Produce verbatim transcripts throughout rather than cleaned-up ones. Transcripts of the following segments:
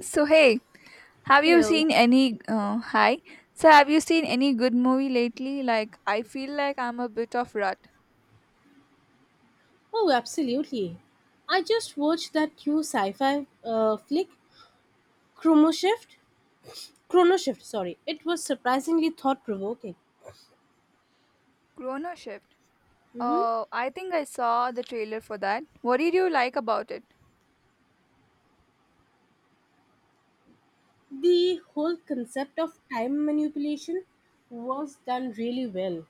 So hey, have you Hello. seen any uh, hi? So have you seen any good movie lately? Like I feel like I'm a bit of rut. Oh, absolutely. I just watched that new sci-fi uh, flick, Chrono Shift. Chrono Shift, sorry. It was surprisingly thought-provoking. Chrono Shift. hmm Oh, I think I saw the trailer for that. What did you like about it? The whole concept of time manipulation was done really well,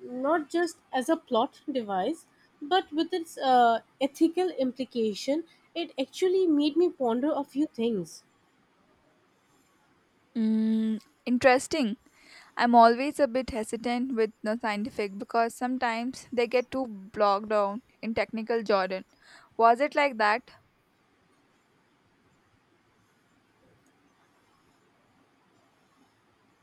not just as a plot device, but with its uh, ethical implication. It actually made me ponder a few things. Mm, interesting. I'm always a bit hesitant with the scientific because sometimes they get too bogged down in technical jargon. Was it like that?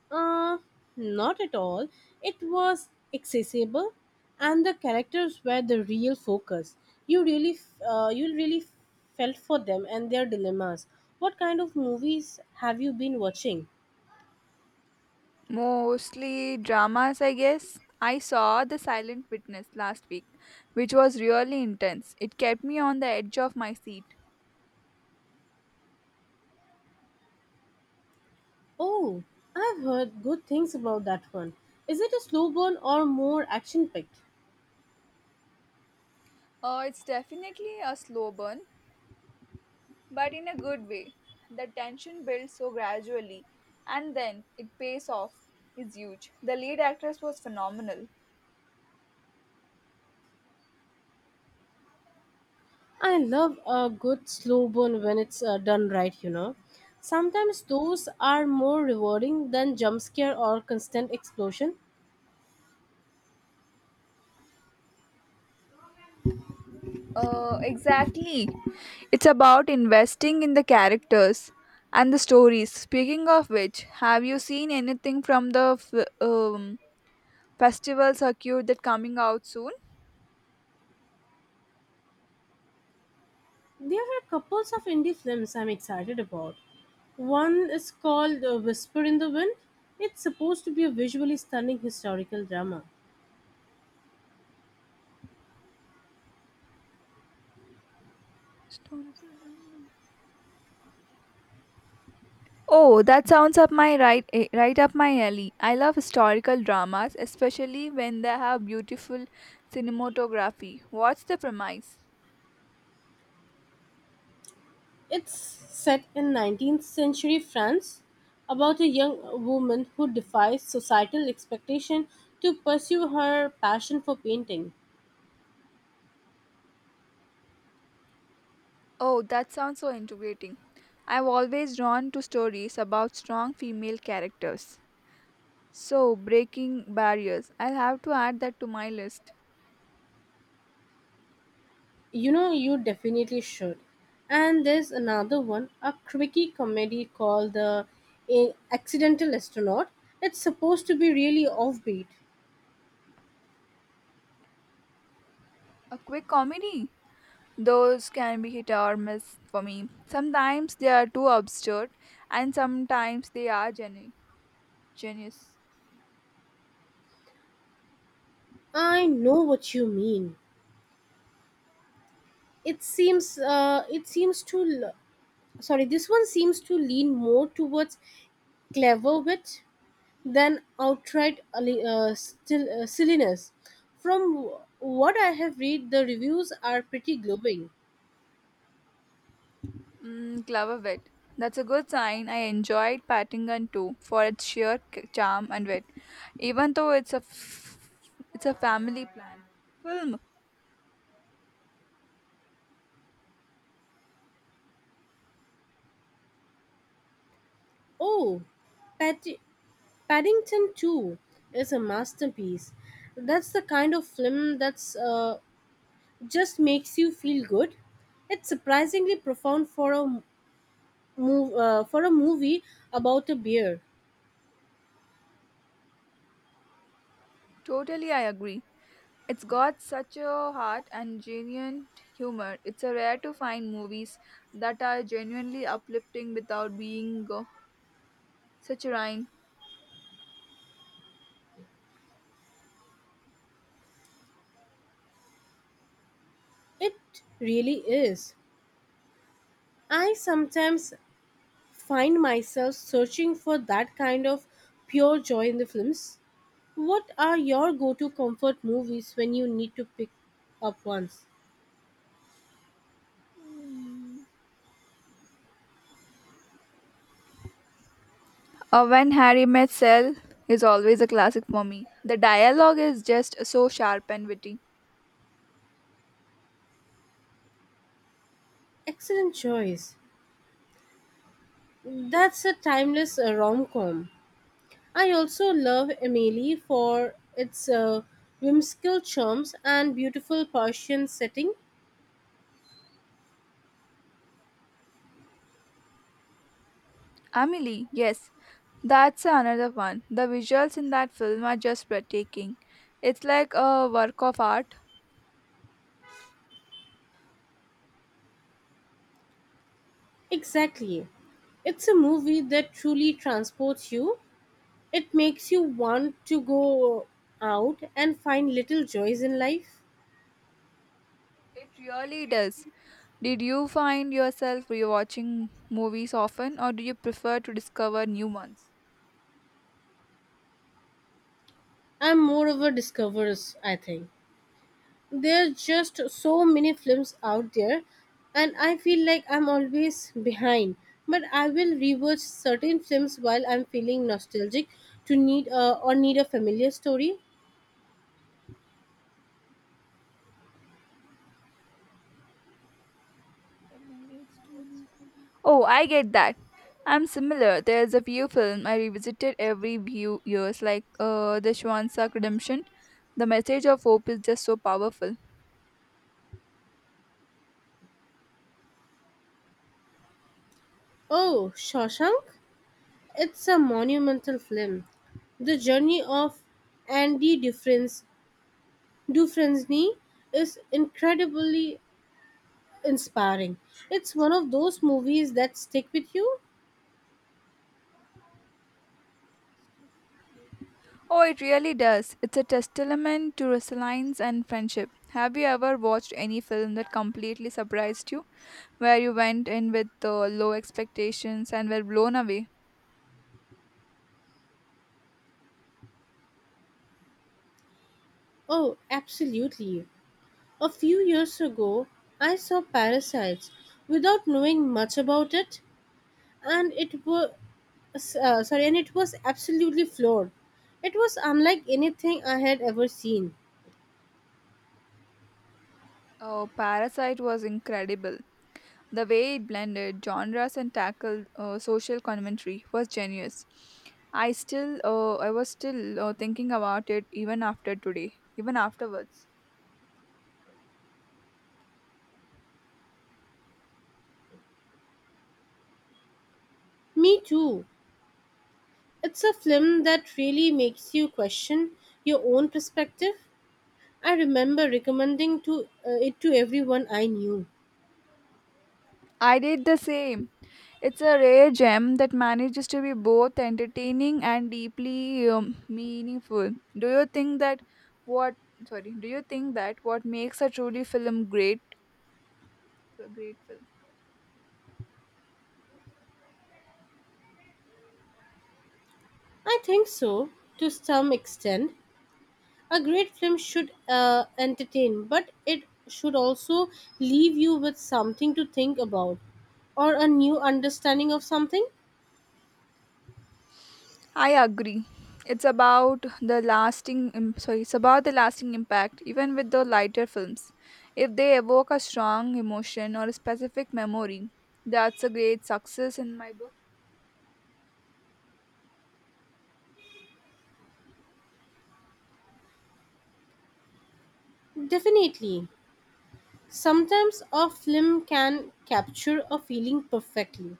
Uh, Not at all. It was accessible, and the characters were the real focus. You really, f- uh, you really felt for them and their dilemmas. What kind of movies have you been watching? Mostly dramas, I guess. I saw The Silent Witness last week, which was really intense. It kept me on the edge of my seat. Oh, I've heard good things about that one. Is it a slow burn or more action packed? Uh, it's definitely a slow burn, but in a good way. The tension builds so gradually, and then it pays off. Is huge. The lead actress was phenomenal. I love a good slow burn when it's uh, done right, you know. Sometimes those are more rewarding than jump scare or constant explosion. Uh, exactly. It's about investing in the characters and the stories. Speaking of which, have you seen anything from the f- um, Festivals are cute that coming out soon. There are couples of indie films I'm excited about. One is called uh, Whisper in the Wind. It's supposed to be a visually stunning historical drama. Historical drama. Oh, that sounds up my right eh, right up my alley. I love historical dramas, especially when they have beautiful cinematography. What's the premise? It's set in nineteenth century France about a young woman who defies societal expectation to pursue her passion for painting. Oh, that sounds so integrating. I've always drawn to stories about strong female characters. So, breaking barriers. I'll have to add that to my list. You know, you definitely should. And there's another one, a quirky comedy called The Accidental Astronaut. It's supposed to be really offbeat. A quick comedy. Those can be hit or miss for me. Sometimes they are too absurd, and sometimes they are genu- genius. I know what you mean. It seems uh, it seems to l- sorry, This one seems to lean more towards clever wit than outright ali- uh, still, uh, silliness. From w- what I have read, the reviews are pretty glowing. Mm, clever wit. That's a good sign. I enjoyed Paddington too for its sheer c- charm and wit, even though it's a f- it's a family plan film. Oh, Patti- Paddington two is a masterpiece. That's the kind of film that's uh, just makes you feel good. It's surprisingly profound for a move uh, for a movie about a beer. Totally, I agree. It's got such a heart and genuine humor. It's a rare to find movies that are genuinely uplifting without being uh, such a rhyme. It really is. I sometimes find myself searching for that kind of pure joy in the films. What are your go-to comfort movies when you need to pick up once? Uh, When Harry Met Sally is always a classic for me. The dialogue is just so sharp and witty. Excellent choice. That's a timeless uh, rom-com. I also love Emily for its uh, whimsical charms and beautiful Persian setting. Amelie, yes, that's another one. The visuals in that film are just breathtaking. It's like a work of art. Exactly. It's a movie that truly transports you. It makes you want to go out and find little joys in life. It really does. Did you find yourself rewatching movies often, or do you prefer to discover new ones? I'm more of a discoverers, I think. There's just so many films out there, and I feel like I'm always behind. But I will rewatch certain films while I'm feeling nostalgic to need a or need a familiar story. Familiar story. Oh, I get that. I'm similar. There's a few film I revisited every few years, like uh, The Swansack Redemption. The message of hope is just so powerful. Oh, Shawshank? It's a monumental film. The journey of Andy Dufresne, Dufresne is incredibly inspiring. It's one of those movies that stick with you. Oh, it really does. It's a testament to resilience and friendship. Have you ever watched any film that completely surprised you, where you went in with uh, low expectations and were blown away? Oh, absolutely. A few years ago, I saw Parasites without knowing much about it, and it was uh, sorry, and it was absolutely floored. It was unlike anything I had ever seen. Oh, Parasite was incredible. The way it blended genres and tackled uh, social commentary was genius. I still, uh, I was still uh, thinking about it even after today, even afterwards. Me too. It's a film that really makes you question your own perspective. I remember recommending to uh, it to everyone I knew. I did the same. It's a rare gem that manages to be both entertaining and deeply um, meaningful. Do you think that what sorry? Do you think that what makes a truly film great, great, film? I think so to some extent. A great film should uh, entertain, but it should also leave you with something to think about or a new understanding of something. I agree. It's about the lasting im- sorry, it's about the lasting impact even with the lighter films. If they evoke a strong emotion or a specific memory, that's a great success in my book. Definitely. Sometimes a film can capture a feeling perfectly,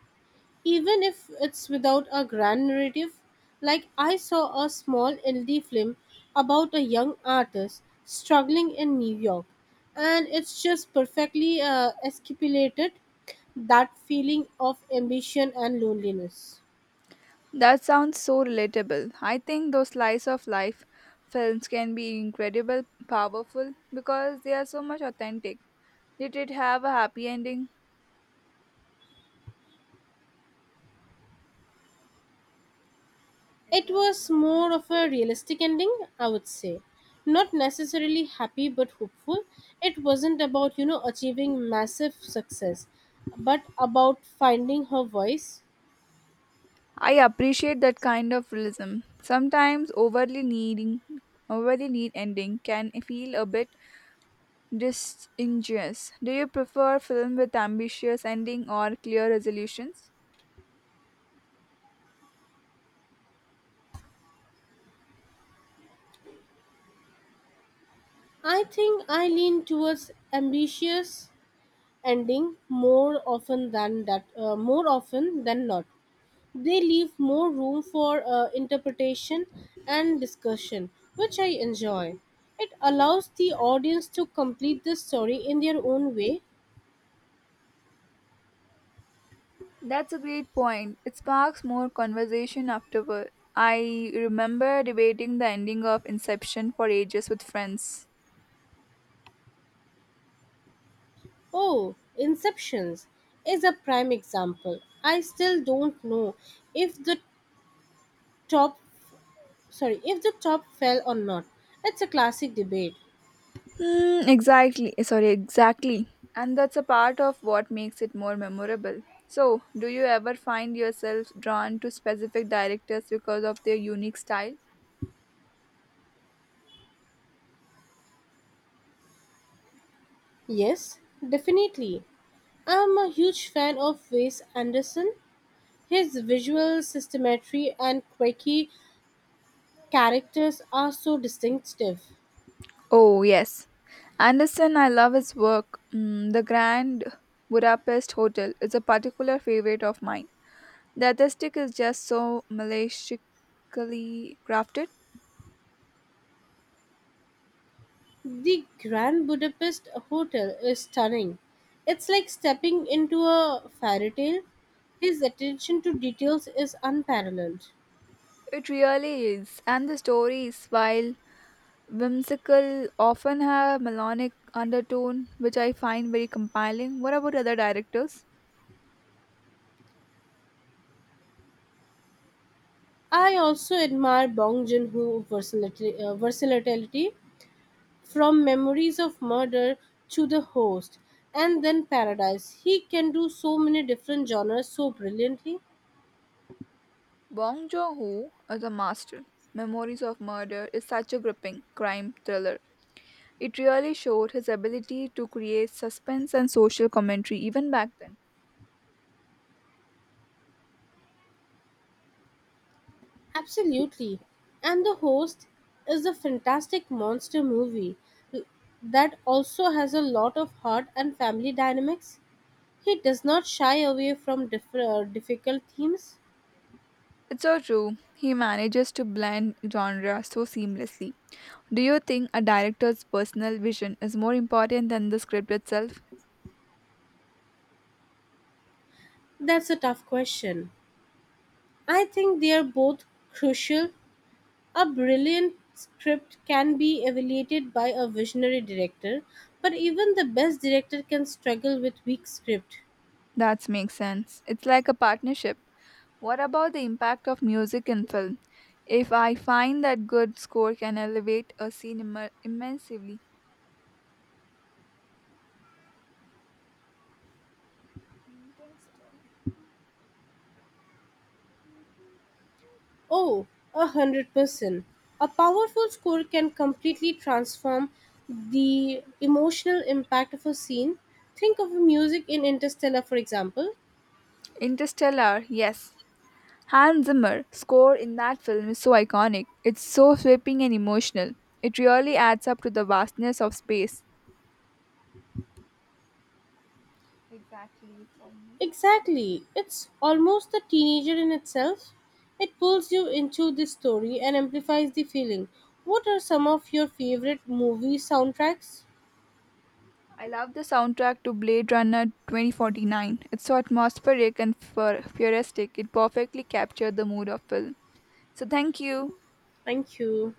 even if it's without a grand narrative. Like I saw a small indie film about a young artist struggling in New York, and it's just perfectly uh, escapulated that feeling of ambition and loneliness. That sounds so relatable. I think those slice of life films can be incredible powerful because they are so much authentic. Did it have a happy ending? It It was was more of a realistic ending, I would say. Not necessarily happy but hopeful. It wasn't about, you know, achieving massive success, but about finding her voice. I appreciate that kind of realism. Sometimes overly needing overly neat ending can feel a bit disingenuous. Do you prefer film with ambitious ending or clear resolutions? I think I lean towards ambitious ending more often than that uh, more often than not. They leave more room for uh, interpretation and discussion, which I enjoy. It allows the audience to complete the story in their own way. That's a great point. It sparks more conversation afterward. I remember debating the ending of Inception for ages with friends. Oh, Inceptions is a prime example. I still don't know if the top sorry, if the top fell or not. It's a classic debate. Mm, exactly. Sorry, exactly. And that's a part of what makes it more memorable. So, do you ever find yourself drawn to specific directors because of their unique style? Yes, definitely. I'm a huge fan of Wes Anderson. His visual systemetry and quirky characters are so distinctive. Oh, yes. Anderson, I love his work. Mm, The Grand Budapest Hotel is a particular favorite of mine. The aesthetic is just so maliciously crafted. The Grand Budapest Hotel is stunning. It's like stepping into a fairy tale. His attention to details is unparalleled. It really is. And the stories, while Whimsical often have melodic undertone, which I find very compelling. What about other directors? I also admire Bong Joon-ho versatility. uh, versatility. From memories of murder to the host, and then paradise. He can do so many different genres so brilliantly. Bong Joon-ho is a master. Memories of Murder is such a gripping crime thriller. It really showed his ability to create suspense and social commentary even back then. Absolutely. And the host is a fantastic monster movie that also has a lot of heart and family dynamics. He does not shy away from diff- uh, difficult themes. It's so true. He manages to blend genre so seamlessly. Do you think a director's personal vision is more important than the script itself? That's a tough question. I think they are both crucial. A brilliant script can be evaluated by a visionary director, but even the best director can struggle with weak script. That makes sense. It's like a partnership. What about the impact of music in film? If I find that good score can elevate a scene immer- immensely. Oh, a hundred percent. A powerful score can completely transform the emotional impact of a scene. Think of music in Interstellar, for example. Interstellar, yes. Hans Zimmer score in that film is so iconic. It's so sweeping and emotional. It really adds up to the vastness of space. Exactly, it's almost. Exactly. It's almost a teenager in itself. It pulls you into the story and amplifies the feeling. What are some of your favorite movie soundtracks? I love the soundtrack to Blade Runner twenty forty-nine. It's so atmospheric and fur- futuristic. It perfectly captured the mood of film. So thank you. Thank you.